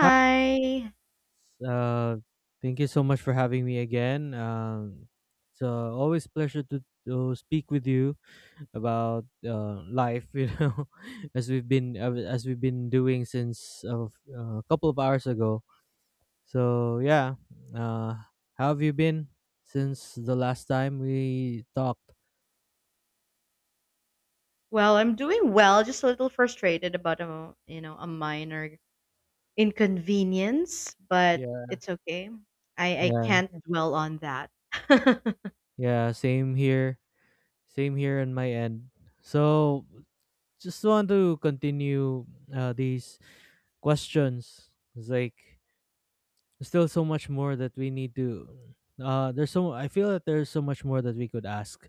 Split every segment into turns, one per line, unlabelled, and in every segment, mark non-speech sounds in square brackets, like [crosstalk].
Hi. Uh, Thank you so much for having me again. It's always pleasure to speak with you about life. [laughs] You know, as we've been doing since a couple of hours ago. So yeah, uh, how have you been since the last time we talked?
Well, I'm doing well, just a little frustrated about a minor inconvenience, but
Yeah,
it's okay. I
yeah,
can't dwell on that. [laughs]
yeah. Same here. Same here on my end. So just want to continue these questions. It's like there's still so much more that we need to. There's so I feel that there's so much more that we could ask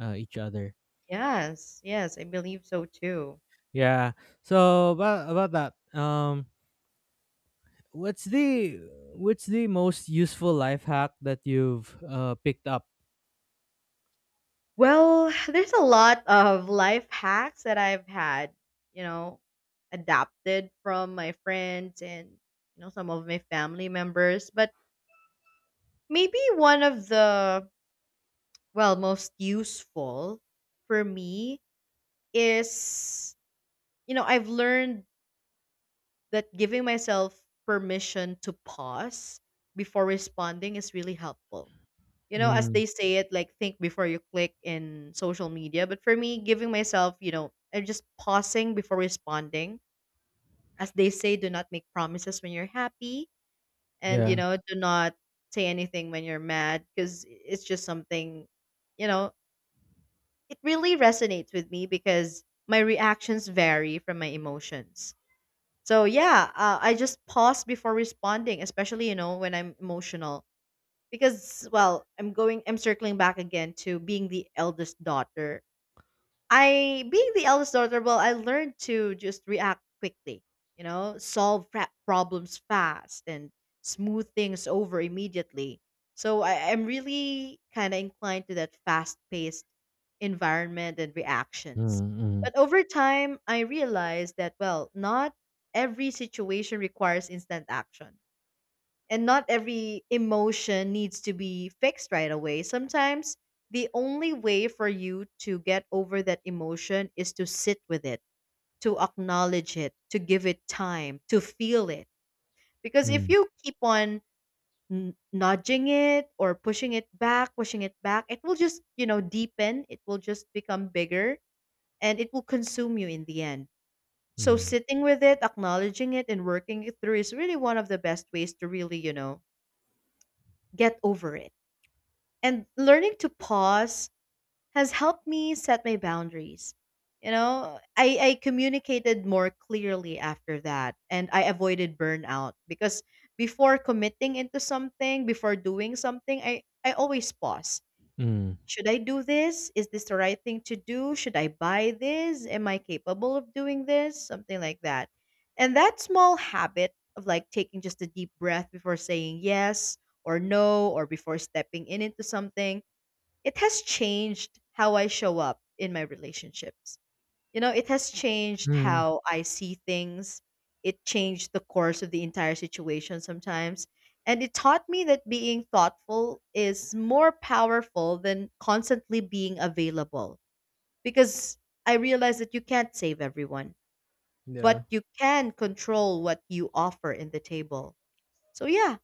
each other.
Yes, yes, I believe so too.
Yeah. So about that. Um, what's the what's the most useful life hack that you've picked up?
Well, there's a lot of life hacks that I've had, you know, adapted from my friends and, you know, some of my family members. But maybe one of the, well, most useful for me is, you know, I've learned that giving myself permission to pause before responding is really helpful. You know, as
Mm,
they say it, like, think before you click in social media, but for me, giving myself, you know, I'm just pausing before responding. As they say, do not make promises when you're happy, and, you
yeah.
know, do not say anything when you're mad, because it's just something, you know, it really resonates with me because my reactions vary from my emotions. So yeah, I just pause before responding, especially, you know, when I'm emotional. Because, well, I'm circling back again to being the eldest daughter. I Being the eldest daughter, well, I learned to just react quickly, you know, solve problems fast and smooth things over immediately. So I'm really kind of inclined to that fast-paced environment and
Mm,
reactions.
mm,
But over time, I realized that, well, not every situation requires instant action, and not every emotion needs to be fixed right away. Sometimes the only way for you to get over that emotion is to sit with it, to acknowledge it, to give it time, to feel it. Because if
mm,
you keep on nudging it or pushing it back, it will just, you know, deepen, it will just become bigger, and it will consume you in the end. So
mm,
sitting with it, acknowledging it, and working it through is really one of the best ways to really, you know, get over it. And learning to pause has helped me set my boundaries. You know, I communicated more clearly after that, and I avoided burnout because before committing into something, before doing something, I always pause.
mm,
Should I do this? Is this the right thing to do? Should I buy this? Am I capable of doing this? Something like that. And that small habit of, like, taking just a deep breath before saying yes or no, or before stepping in into something, it has changed how I show up in my relationships. You know, it has changed
mm,
how I see things. It changed the course of the entire situation sometimes. And it taught me that being thoughtful is more powerful than constantly being available, because I realized that you can't save everyone,
yeah.
but you can control what you offer in the table. So, yeah,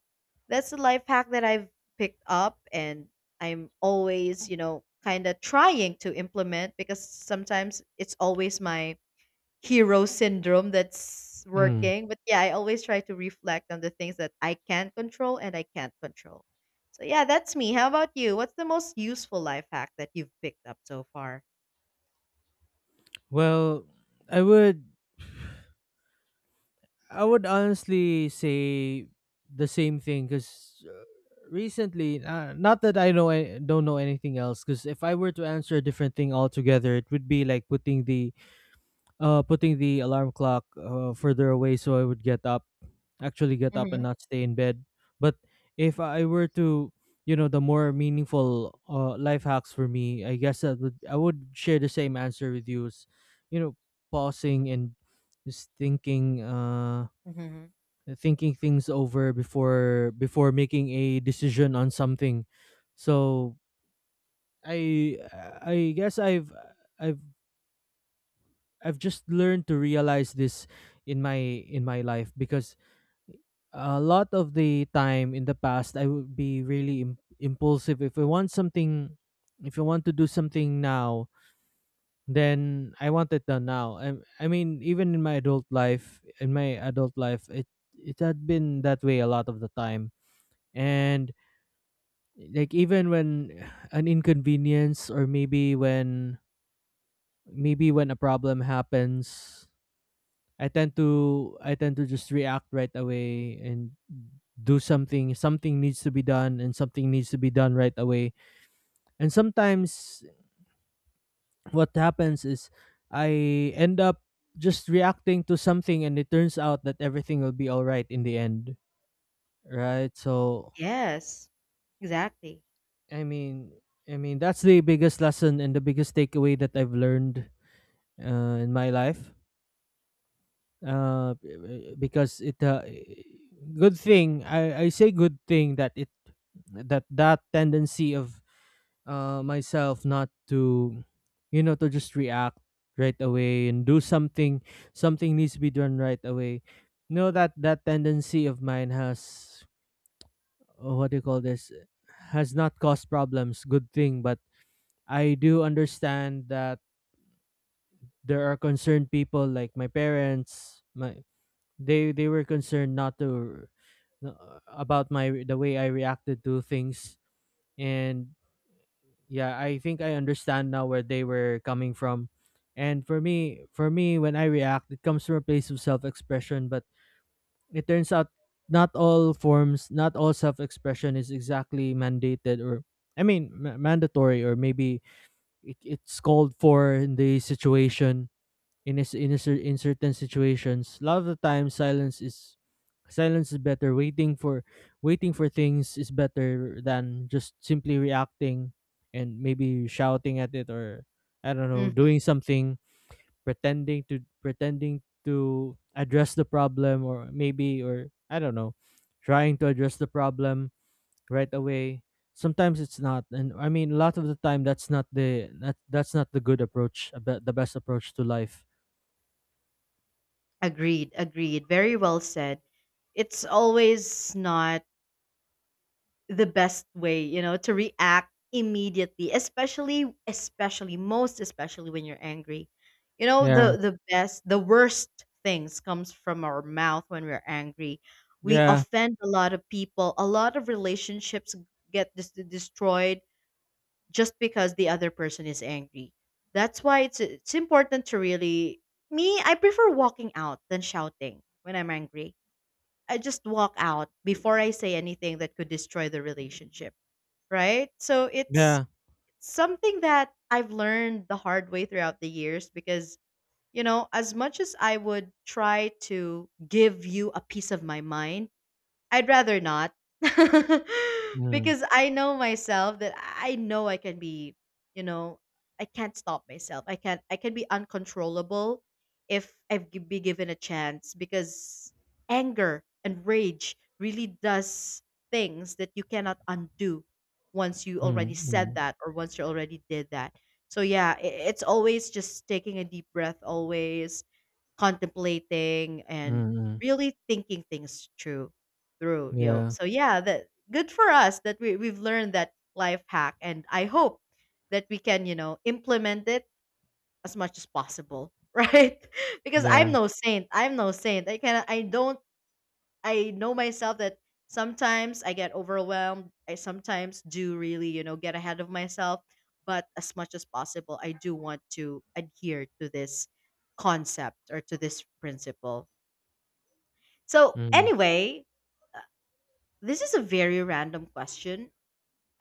that's a life hack that I've picked up, and I'm always, you know, kind of trying to implement, because sometimes it's always my hero syndrome that's
Mm.
working. But yeah, I always try to reflect on the things that I can control and I can't control. So yeah, that's me. How about you? What's the most useful life hack that you've picked up so far?
Well, I would I would honestly say the same thing because recently, not that I know I don't know anything else. Because if I were to answer a different thing altogether, it would be like putting the alarm clock further away so I would get up, actually get up and
Hmm.
not stay in bed. But if I were to, you know, the more meaningful life hacks for me, I guess that would I would share the same answer with you. Is, you know, pausing and just thinking,
Hmm.
thinking things over before before making a decision on something. So I I guess I've I've I've just learned to realize this in my in my life because a lot of the time in the past I would be really impulsive if I want something if I want to do something now then I want it done now. I mean even in my adult life in my adult life it it had been that way a lot of the time. And like even when an inconvenience or maybe when a problem happens I tend to just react right away and do something, something needs to be done and something needs to be done right away. And sometimes what happens is I end up just reacting to something and it turns out that everything will be all right in the end, right? So
Yes. Exactly.
I mean I mean that's the biggest lesson and the biggest takeaway that I've learned in my life uh because it good thing I say good thing that it that that tendency of myself not to you know to just react right away and do something, something needs to be done right away. No, that that tendency of mine has oh, what do you call this, has not caused problems good thing. But I do understand that there are concerned people like my parents, my they were concerned not to about my the way I reacted to things. And yeah, I think I understand now where they were coming from. And for me when I react it comes from a place of self-expression, but it turns out not all forms, not all self-expression is exactly mandated or I mean mandatory, or maybe it, it's called for in the situation. In a, in a, in certain situations, a lot of the time silence is silence is better. Waiting for waiting for things is better than just simply reacting and maybe shouting at it, or I don't know,
Hmm.
doing something, pretending to pretending to address the problem, or maybe or I don't know, trying to address the problem right away. Sometimes it's not, and I mean, a lot of the time that's not the that's not the good approach, a the best approach to life.
Agreed. Agreed. Very well said. It's always not the best way, you know, to react immediately, especially most especially when you're angry. You know,
Yeah,
the worst things comes from our mouth when we're angry. We
yeah,
offend a lot of people, a lot of relationships get destroyed just because the other person is angry. That's why it's important to really, me, I prefer walking out than shouting when I'm angry. I just walk out before I say anything that could destroy the relationship, right? So it's
yeah.
something that I've learned the hard way throughout the years because, you know, as much as I would try to give you a piece of my mind, I'd rather not. [laughs]
Mm,
Because I know myself that I know I can be, you know, I can't stop myself. I can be uncontrollable if I've be given a chance, because anger and rage really does things that you cannot undo once you
mm,
already
mm,
said
mm,
that or once you already did that. So yeah, it's always just taking a deep breath, always contemplating
mm.
and
Mm.
really thinking things through, you know.
Yeah.
So yeah, that good for us that we've learned that life hack, and I hope that we can, you know, implement it as much as possible, [laughs] right? Because
Yeah.
I'm no saint. I'm no saint. I don't, I know myself that sometimes I get overwhelmed. I sometimes do really, you know, get ahead of myself. But as much as possible, I do want to adhere to this concept or to this principle. So,
Mm.
anyway, uh, this is a very random question.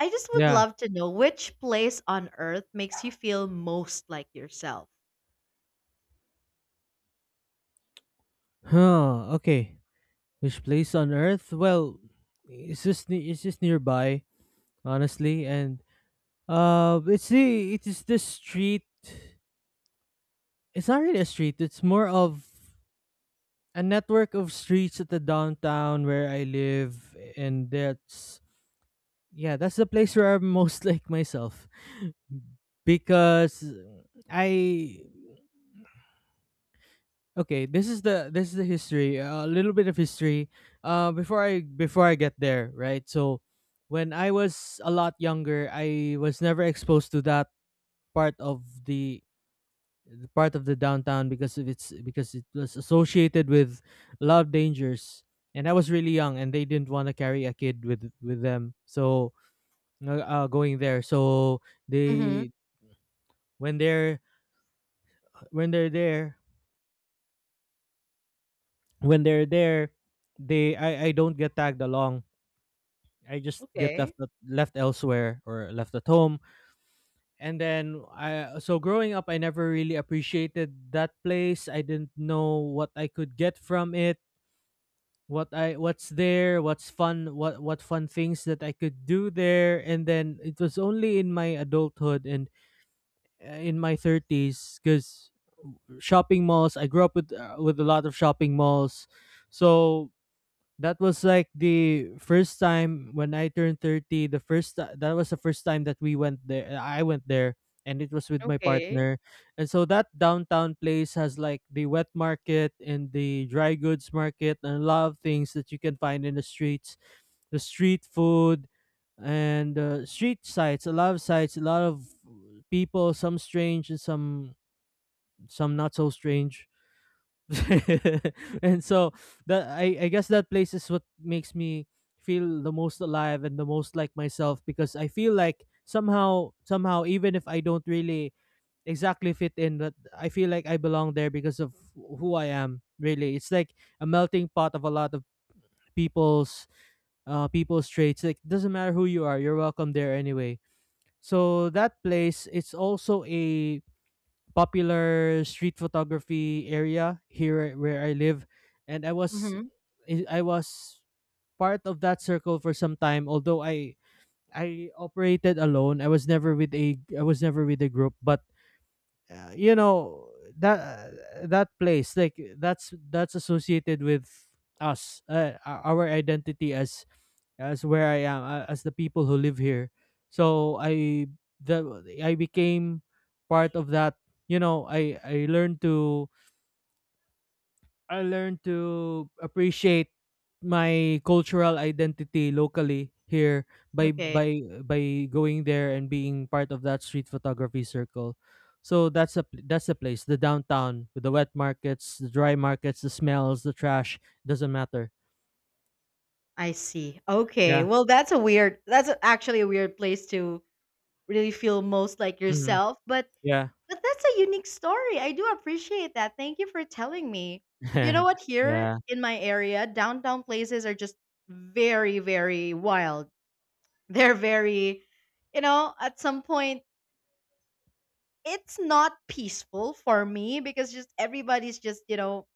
I just would
Yeah.
love to know which place on earth makes you feel most like yourself.
Huh. Okay. Which place on earth? Well, it's just it's just nearby, honestly, and it's the it is the street. It's not really a street. It's more of a network of streets at the downtown where I live, and that's yeah, that's the place where I'm most [laughs] like myself because I okay, this is the history. A little bit of history. Before I before I get there, right? So, when I was a lot younger, I was never exposed to that part of the part of the downtown because of its because it was associated with a lot of dangers. And I was really young, and they didn't want to carry a kid with them. So, going there, so
Mm-hmm.
they when they're when they're there when they're there, they I don't get tagged along. I just get left
Okay.
left elsewhere or left at home. And then I so growing up I never really appreciated that place. I didn't know what I could get from it, what I what's there, what's fun, what fun things that I could do there. And then it was only in my adulthood and in my 30s, cuz shopping malls, I grew up with a lot of shopping malls. So that was like the first time when I turned 30, the first that was the first time that we went there, I went there, and it was with my
Okay.
partner. And so that downtown place has like the wet market and the dry goods market and a lot of things that you can find in the streets, the street food, and street sites, a lot of sites, a lot of people, some strange and some not so strange. [laughs] And so that I guess that place is what makes me feel the most alive and the most like myself because I feel like somehow even if I don't really exactly fit in, but I feel like I belong there because of who I am. Really, it's like a melting pot of a lot of people's people's traits, like doesn't matter who you are, you're welcome there anyway. So that place, it's also a popular street photography area here where I live, and I was
Mm-hmm.
I was part of that circle for some time. Although I operated alone, I was never with a I was never with a group. But you know that that place like that's associated with us, our identity as where I am, as the people who live here. So the I became part of that. You know, I learned to I learned to appreciate my cultural identity locally here by
Okay.
by going there and being part of that street photography circle. So that's a that's a place, the downtown with the wet markets, the dry markets, the smells, the trash, doesn't matter.
I see. Okay.
Yeah.
Well, that's a weird, actually a weird place to really feel most like
Hmm.
yourself,
Yeah.
but that's a unique story. I do appreciate that. Thank you for telling me. You know what?
[laughs]
Here
Yeah.
in my area, downtown places are just very wild. [laughs] They're very, you know, at some point it's not peaceful for me, because just everybody's just, you know,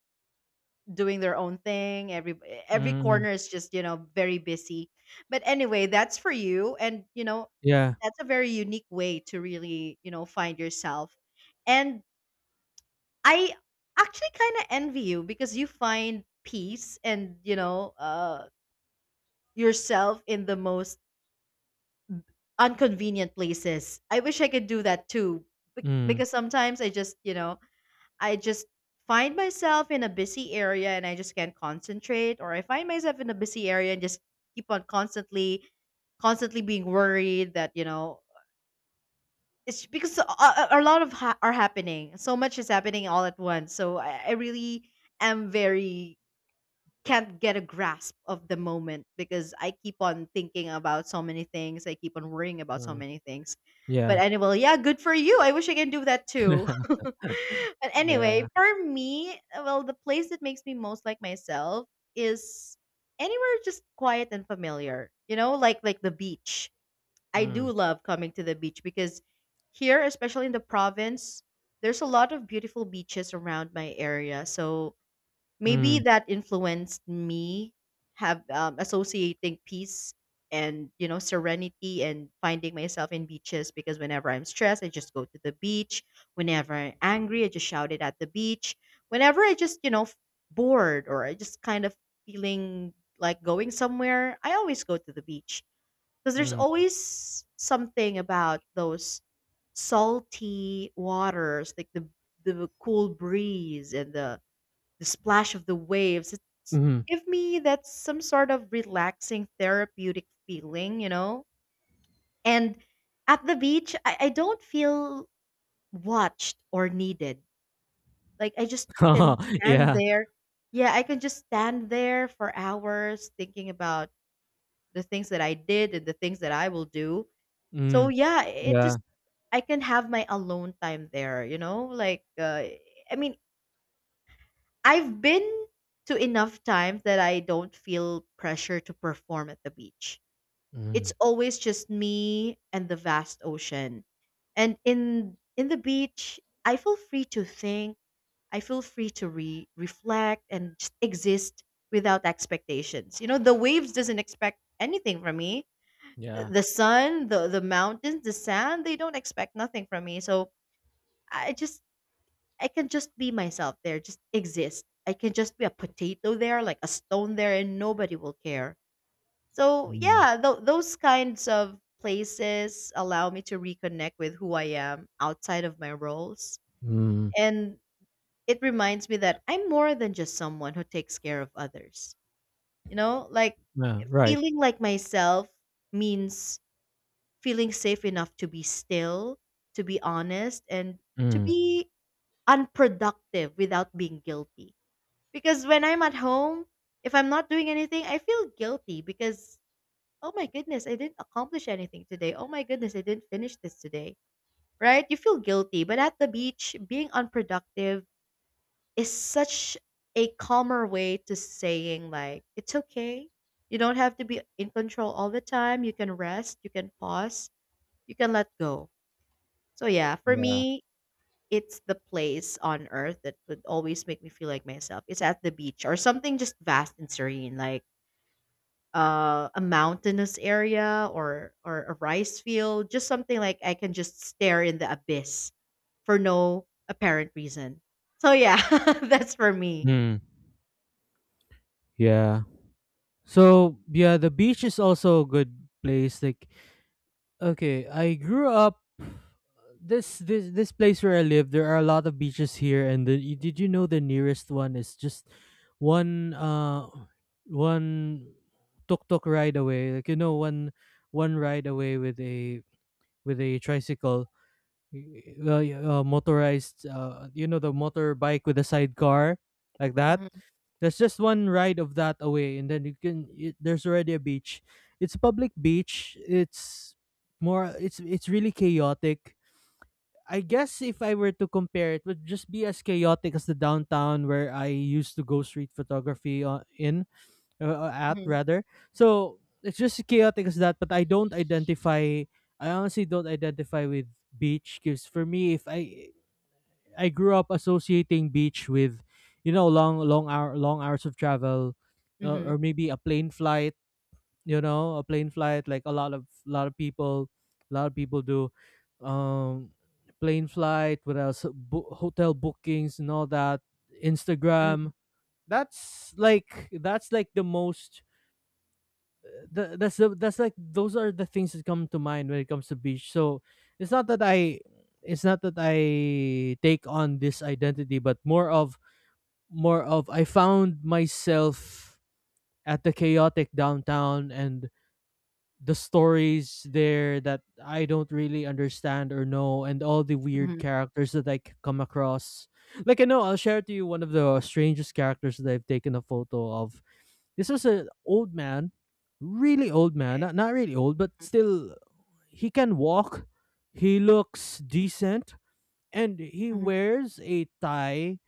doing their own thing. Every
Mm.
corner is just, you know, very busy. But anyway, that's for you, and you know,
Yeah.
that's a very unique way to really, you know, find yourself. And I actually kind of envy you because you find peace and, you know, yourself in the most unconvenient places. I wish I could do that too,
Mm.
because sometimes I just, you know, I just find myself in a busy area and I just can't concentrate, or I find myself in a busy area and just keep on constantly being worried that, you know, it's because a lot of are happening. So much is happening all at once. So I really am very, can't get a grasp of the moment because I keep on thinking about so many things. I keep on worrying about so
Mm.
many things. But
Yeah.
anyway, yeah, good for you. I wish I can do that too.
[laughs]
[laughs] But anyway,
Yeah.
for me, well, the place that makes me most like myself is anywhere just quiet and familiar. You know, like the beach. I
Mm.
do love coming to the beach because here, especially in the province, there's a lot of beautiful beaches around my area. So maybe
Mm.
that influenced me have associating peace and, you know, serenity and finding myself in beaches, because whenever I'm stressed, I just go to the beach. Whenever I'm angry, I just shout it at the beach. Whenever I just, you know, bored or I just kind of feeling like going somewhere, I always go to the beach, because there's
Mm.
always something about those salty waters, like the cool breeze and the splash of the waves. It's
Mhm.
give me that some sort of relaxing therapeutic feeling, you know? And at the beach, I don't feel watched or needed. Like I just can
[laughs]
stand
Yeah.
there. Yeah, I can just stand there for hours thinking about the things that I did and the things that I will do. So
Mm.
yeah, it
Yeah.
just, I can have my alone time there, you know? Like I mean, I've been to enough times that I don't feel pressure to perform at the beach.
Mm.
It's always just me and the vast ocean. And in the beach, I feel free to think, I feel free to reflect and just exist without expectations. You know, the waves doesn't expect anything from me.
Yeah.
The sun, the mountains, the sand, they don't expect nothing from me. So I just, I can just be myself there, just exist. I can just be a potato there, like a stone there, and nobody will care. So,
Mm.
yeah, those kinds of places allow me to reconnect with who I am outside of my roles.
Mm.
And it reminds me that I'm more than just someone who takes care of others. You know, like
Yeah, right.
feeling like myself means feeling safe enough to be still, to be honest, and to
Mm.
be unproductive without being guilty. Because when I'm at home, if I'm not doing anything, I feel guilty because, oh my goodness, I didn't accomplish anything today. Oh my goodness, I didn't finish this today. Right? You feel guilty. But at the beach, being unproductive is such a calmer way to saying, like, it's okay. You don't have to be in control all the time. You can rest, you can pause, you can let go. So, yeah, for
Yeah.
me, it's the place on earth that would always make me feel like myself. It's at the beach or something just vast and serene, like a mountainous area or a rice field, just something like I can just stare in the abyss for no apparent reason. So yeah, [laughs] that's for me.
Mm. Yeah. So, yeah, the beach is also a good place, like okay, I grew up this place where I live. There are a lot of beaches here, and the, you- did you know the nearest one is just one uh one tuk tuk ride away. Like you know one one ride away with a tricycle. Motorized, you know, the motorbike with a sidecar, like that,
Mhm,
there's just one ride of that away, and then you can y there's already a beach. It's a public beach. It's more it's really chaotic. I guess if I were to compare, it would just be as chaotic as the downtown where I used to go street photography in at
mhm,
rather. So it's just chaotic as that. But I don't identify. I honestly don't identify with beach because for me, if I grew up associating beach with, you know, long hours of travel,
mhm,
or maybe a plane flight. You know, a plane flight like a lot of people, a lot of people do. Um, Plane flight. What else? Hotel bookings and all that.
mhm,
Instagram. That's like the most th- that's the that's like those are the things that come to mind when it comes to beach. So it's not that I it's not that I take on this identity, but more of I found myself at the chaotic downtown and the stories there that I don't really understand or know, and all the weird
mhm.
characters that I come across. Like I know I'll share to you one of the strangest characters that I've taken a photo of. This was an old man, really old man,
Okay.
not, not really old, but
Mhm,
still, he can walk. He looks decent, and he
mhm,
wears a tie.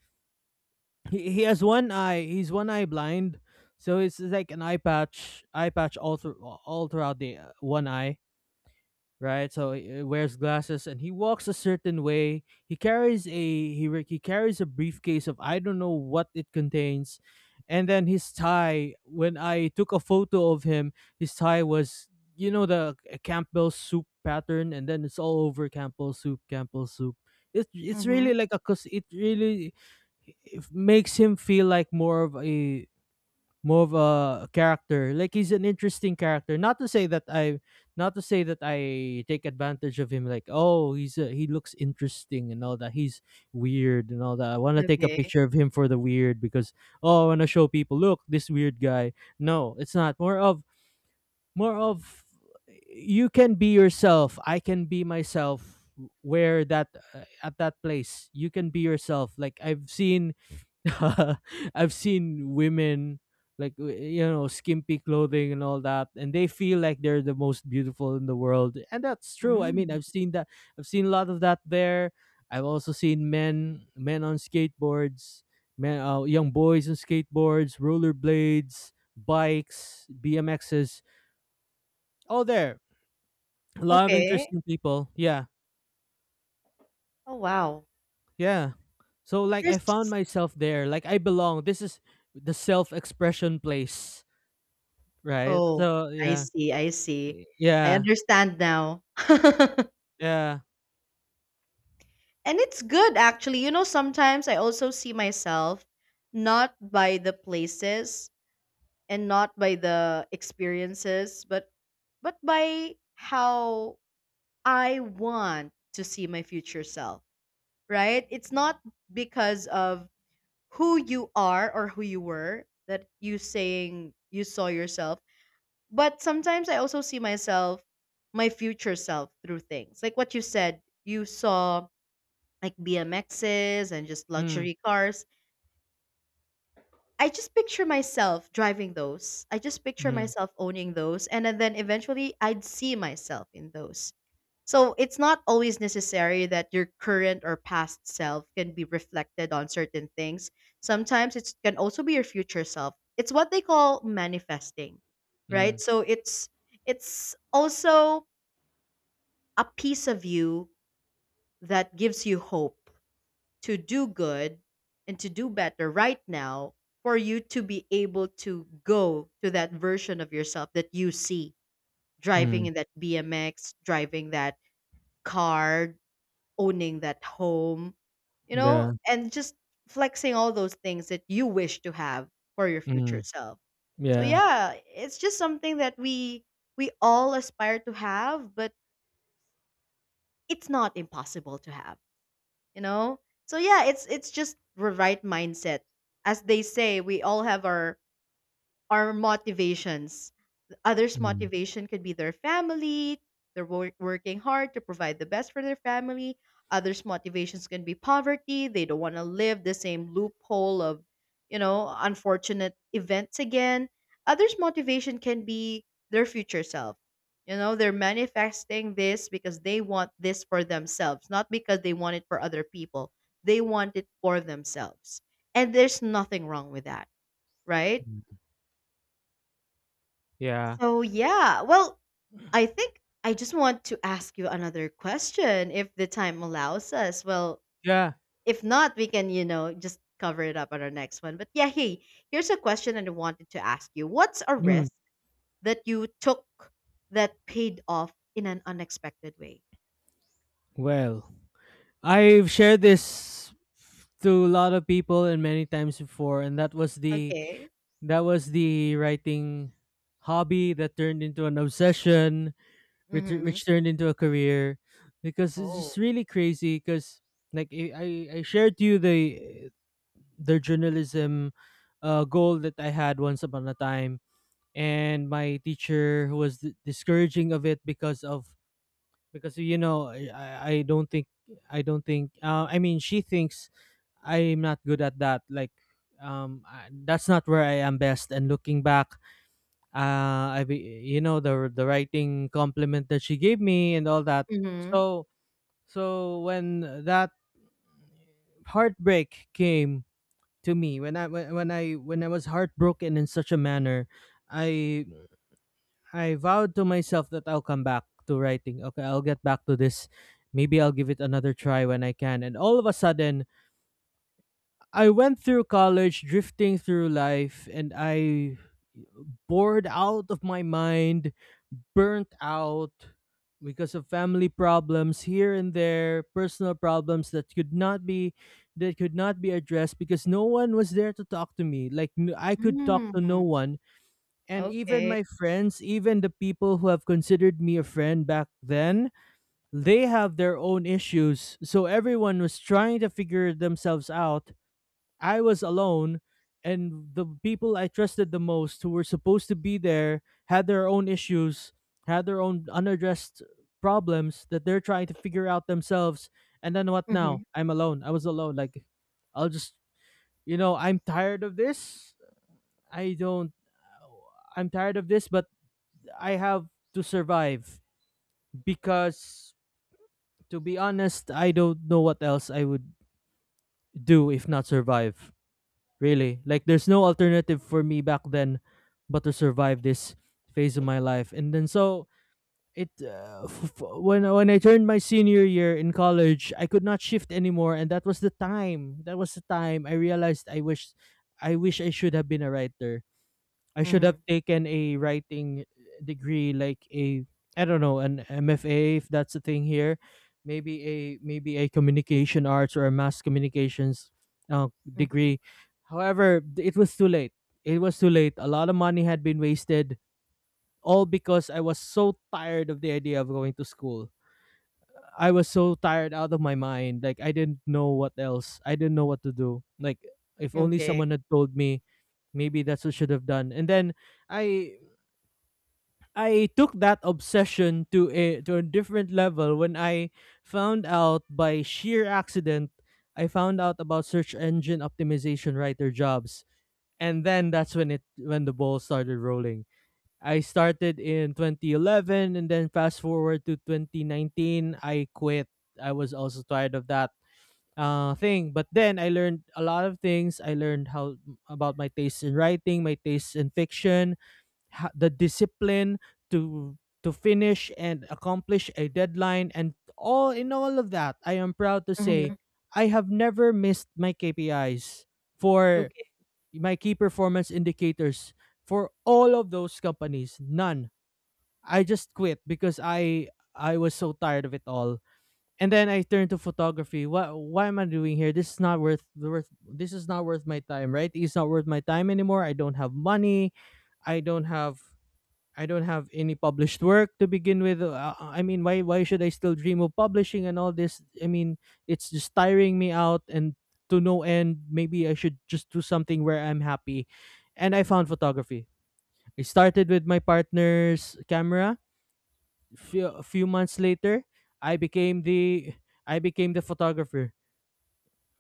He has one eye. He's one eye blind, so it's like an eye patch all throughout the one eye, right? So he wears glasses and he walks a certain way. He carries a briefcase of I don't know what it contains, and then his tie. When I took a photo of him, his tie was the Campbell soup pattern, and then it's all over Campbell soup, Campbell soup. It's really
mhm.
like a cause it really it makes him feel like more of a character. Like he's an interesting character. Not to say that I, not to say that I take advantage of him. Like, oh, he looks interesting and all that. He's weird and all that. I want to take a
Okay.
picture of him for the weird because, oh, I want to show people. Look, this weird guy. No, it's not. More of you can be yourself. I can be myself where that at that place. You can be yourself, like I've seen. [laughs] I've seen women like skimpy clothing and all that, and they feel like they're the most beautiful in the world, and that's true. I mean,
Mm.
I've seen that. I've seen a lot of that there. I've also seen men on skateboards, men young boys on skateboards, rollerblades, bikes, BMXs, all there. A lot of
Okay.
interesting people. Yeah,
Oh, wow.
yeah. So like, I
There's
found myself there, like I belong. This is the self expression place, right?
oh,
So,
I
yeah.
see, I see.
Y
I
yeah,
understand now. [laughs]
yeah.
And it's good actually. You know, sometimes I also see myself not by the places and not by the experiences, but by how I want to see my future self, right? It's not because of who you are or who you were that you saying you saw yourself. But sometimes I also see myself, my future self through things. Like what you said, you saw like BMXs and just
Mm.
luxury cars. I just picture myself driving those. I just picture
Mm.
myself owning those. And then eventually I'd see myself in those. So it's not always necessary that your current or past self can be reflected on certain things. Sometimes it can also be your future self. It's what they call manifesting, right?
Mm.
So it's also a piece of you that gives you hope to do good and to do better right now for you to be able to go to that version of yourself that you see driving
Mm.
in that BMX, driving that car, owning that home, you know,
Yeah.
and just flexing all those things that you wish to have for your future
Mm.
self. So
Yeah.
yeah, it's just something that we all aspire to have, but it's not impossible to have, you know. So yeah, it's just the right mindset, as they say. We all have our motivations. Others'
Mm.
motivation could be their family, they're working hard to provide the best for their family. Others' motivations can be poverty, they don't want to live the same loophole of, you know, unfortunate events again. Others' motivation can be their future self. You know, they're manifesting this because they want this for themselves, not because they want it for other people. They want it for themselves. And there's nothing wrong with that, right?
Mm. Yeah.
So yeah, well, I think I just want to ask you another question if the time allows us. Well,
Yeah.
if not, we can, you know, just cover it up on our next one. But yeah, hey, here's a question that I wanted to ask you. What's a
Mm.
risk that you took that paid off in an unexpected way?
Well, I've shared this to a lot of people and many times before, and that was the
Okay.
that was the writing hobby that turned into an obsession, which
Mm-hmm.
which turned into a career, because it's just
Oh.
really crazy. Because like, I shared to you the journalism goal that I had once upon a time, and my teacher who was discouraging of it, because I don't think. I mean, she thinks I'm not good at that. Like, I— that's not where I am best. And looking back, you know, the writing compliment that she gave me and all that.
Mm-hmm.
So so when that heartbreak came to me, when I was heartbroken in such a manner, I I vowed to myself that I'll come back to writing. Okay, I'll get back to this. Maybe I'll give it another try when I can. And all of a sudden, I went through college drifting through life, and I bored out of my mind, burnt out because of family problems here and there, personal problems that could not be addressed because no one was there to talk to me. Like, I could talk to no
Mm-hmm.
one. And even
Okay.
my friends, even the people who have considered me a friend back then, they have their own issues. So everyone was trying to figure themselves out. I was alone, and the people I trusted the most, who were supposed to be there, had their own issues, had their own unaddressed problems that they're trying to figure out themselves. And then what
Mm-hmm.
now? I'm alone. I was alone. Like, I'll just, I'm tired of this. I don't— I'm tired of this, but I have to survive, because to be honest, I don't know what else I would do if not survive. Really, like, there's no alternative for me back then but to survive this phase of my life. And then so when I turned my senior year in college, I could not shift anymore, and that was the time. That was the time I realized, I wish— I should have been a writer. I should
Mm-hmm.
have taken a writing degree, like a I don't know, an MFA if that's a thing here, maybe a maybe a communication arts or a mass communications uh,
Mm-hmm.
degree. However, it was too late. It was too late. A lot of money had been wasted, all because I was so tired of the idea of going to school. I was so tired out of my mind. Like, I didn't know what else. I didn't know what to do. Like, if only
Okay.
someone had told me, maybe that's what I should have done. And then I I took that obsession to— a different level when I found out by sheer accident. I found out about search engine optimization writer jobs, and then that's when it when the ball started rolling. I started in 2011 and then fast forward to 2019, I quit. I was also tired of that thing, but then I learned a lot of things. I learned how about my taste in writing, my taste in fiction, the discipline to— finish and accomplish a deadline, and all in all of that, I am proud to say
Mm-hmm.
I have never missed my KPIs, for
Okay.
my key performance indicators, for all of those companies. None. I just quit because I was so tired of it all. And then I turned to photography. What why am I doing here? This is not worth worth this is not worth my time, right? It's not worth my time anymore. I don't have money. I don't have I don't have any published work to begin with. I mean, why should I still dream of publishing and all this? I mean, it's just tiring me out, and to no end. Maybe I should just do something where I'm happy. And I found photography. I started with my partner's camera. A few months later, I became the— photographer.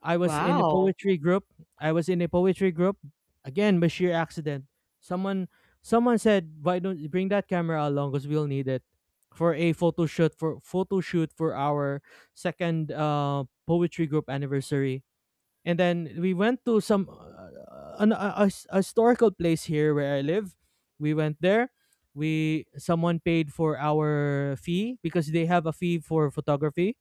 I was in a
Wow.
poetry group. I was in a poetry group. Again, by sheer accident, someone someone said, "Why don't you bring that camera along? Because we'll need it for a photo shoot, for our second poetry group anniversary." And then we went to some an, a s- a historical place here where I live. We went there. We Someone paid for our fee because they have a fee for photography.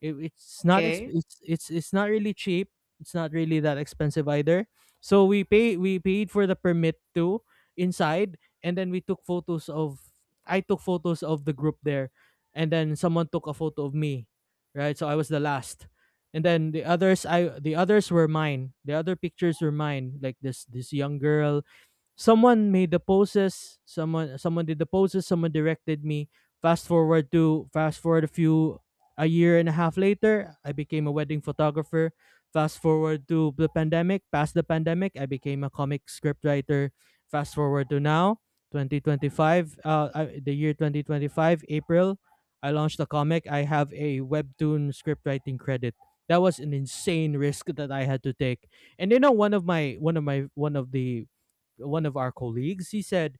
Okay.
It's not really cheap. It's not really that expensive either. So we paid for the permit too inside, and then we took photos of. I took photos of the group there, and then someone took a photo of me, right? So I was the last, and then the others were mine. The other pictures were mine, like this young girl. Someone made the poses. Someone did the poses. Someone directed me. Fast forward a year and a half later, I became a wedding photographer. Fast forward to the pandemic, past the pandemic, I became a comic script writer. Fast forward to now, 2025. The year 2025, April, I launched a comic. I have a webtoon script writing credit. That was an insane risk that I had to take. And you know, one of my one of my one of the one of our colleagues— he said,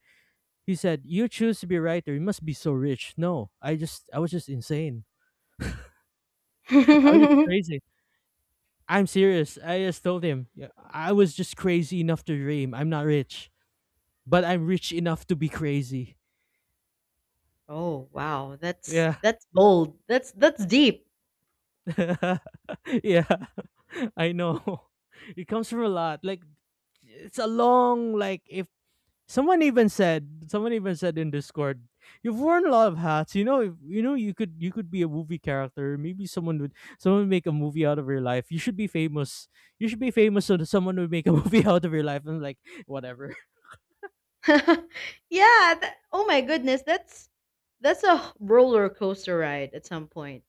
you choose to be a writer. You must be so rich. No, I was just insane. [laughs] I was just
[laughs]
crazy. I'm serious. I just told him, yeah, I was just crazy enough to dream. I'm not rich, but I'm rich enough to be crazy.
Oh, wow.
Yeah.
That's bold. That's deep.
[laughs] Yeah. [laughs] I know. [laughs] It comes from a lot. Like, it's a long— like, if— Someone even said in Discord, you've worn a lot of hats. You know, if— you could be a movie character. Maybe someone would make a movie out of your life. You should be famous. You should be famous so that someone would make a [laughs] movie out of your life. And like, whatever. [laughs]
[laughs] Yeah. That, oh my goodness. That's a roller coaster ride at some point.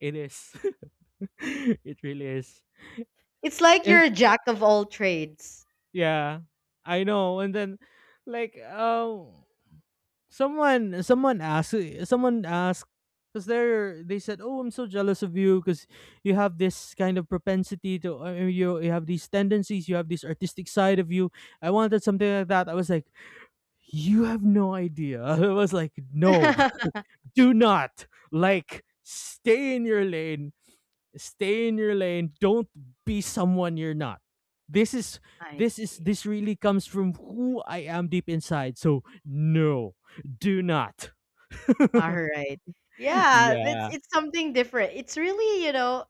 It is. [laughs] It really is.
It's like you're
It
a jack of all trades.
Yeah. I know. And then, like, someone asked. Someone asked because they said, oh, I'm so jealous of you, because you have this kind of propensity to— you have these tendencies. You have this artistic side of you. I wanted something like that. I was like, you have no idea. [laughs] I was like, no.
[laughs]
[laughs] Do not, like— stay in your lane. Stay in your lane. Don't be someone you're not. this is
I
this is
see.
this really comes from who I am deep inside, so no. Do not. [laughs]
All right. Yeah,
Yeah.
it's something different. It's really, you know,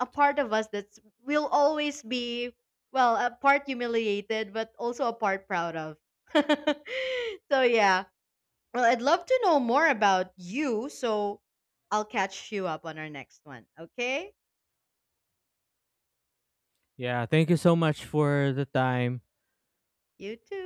a part of us that's will always be, well, a part humiliated, but also a part proud of. [laughs] So yeah. Well, I'd love to know more about you, so I'll catch you up on our next one. Okay?
Yeah. Thank you so much for the time.
You too.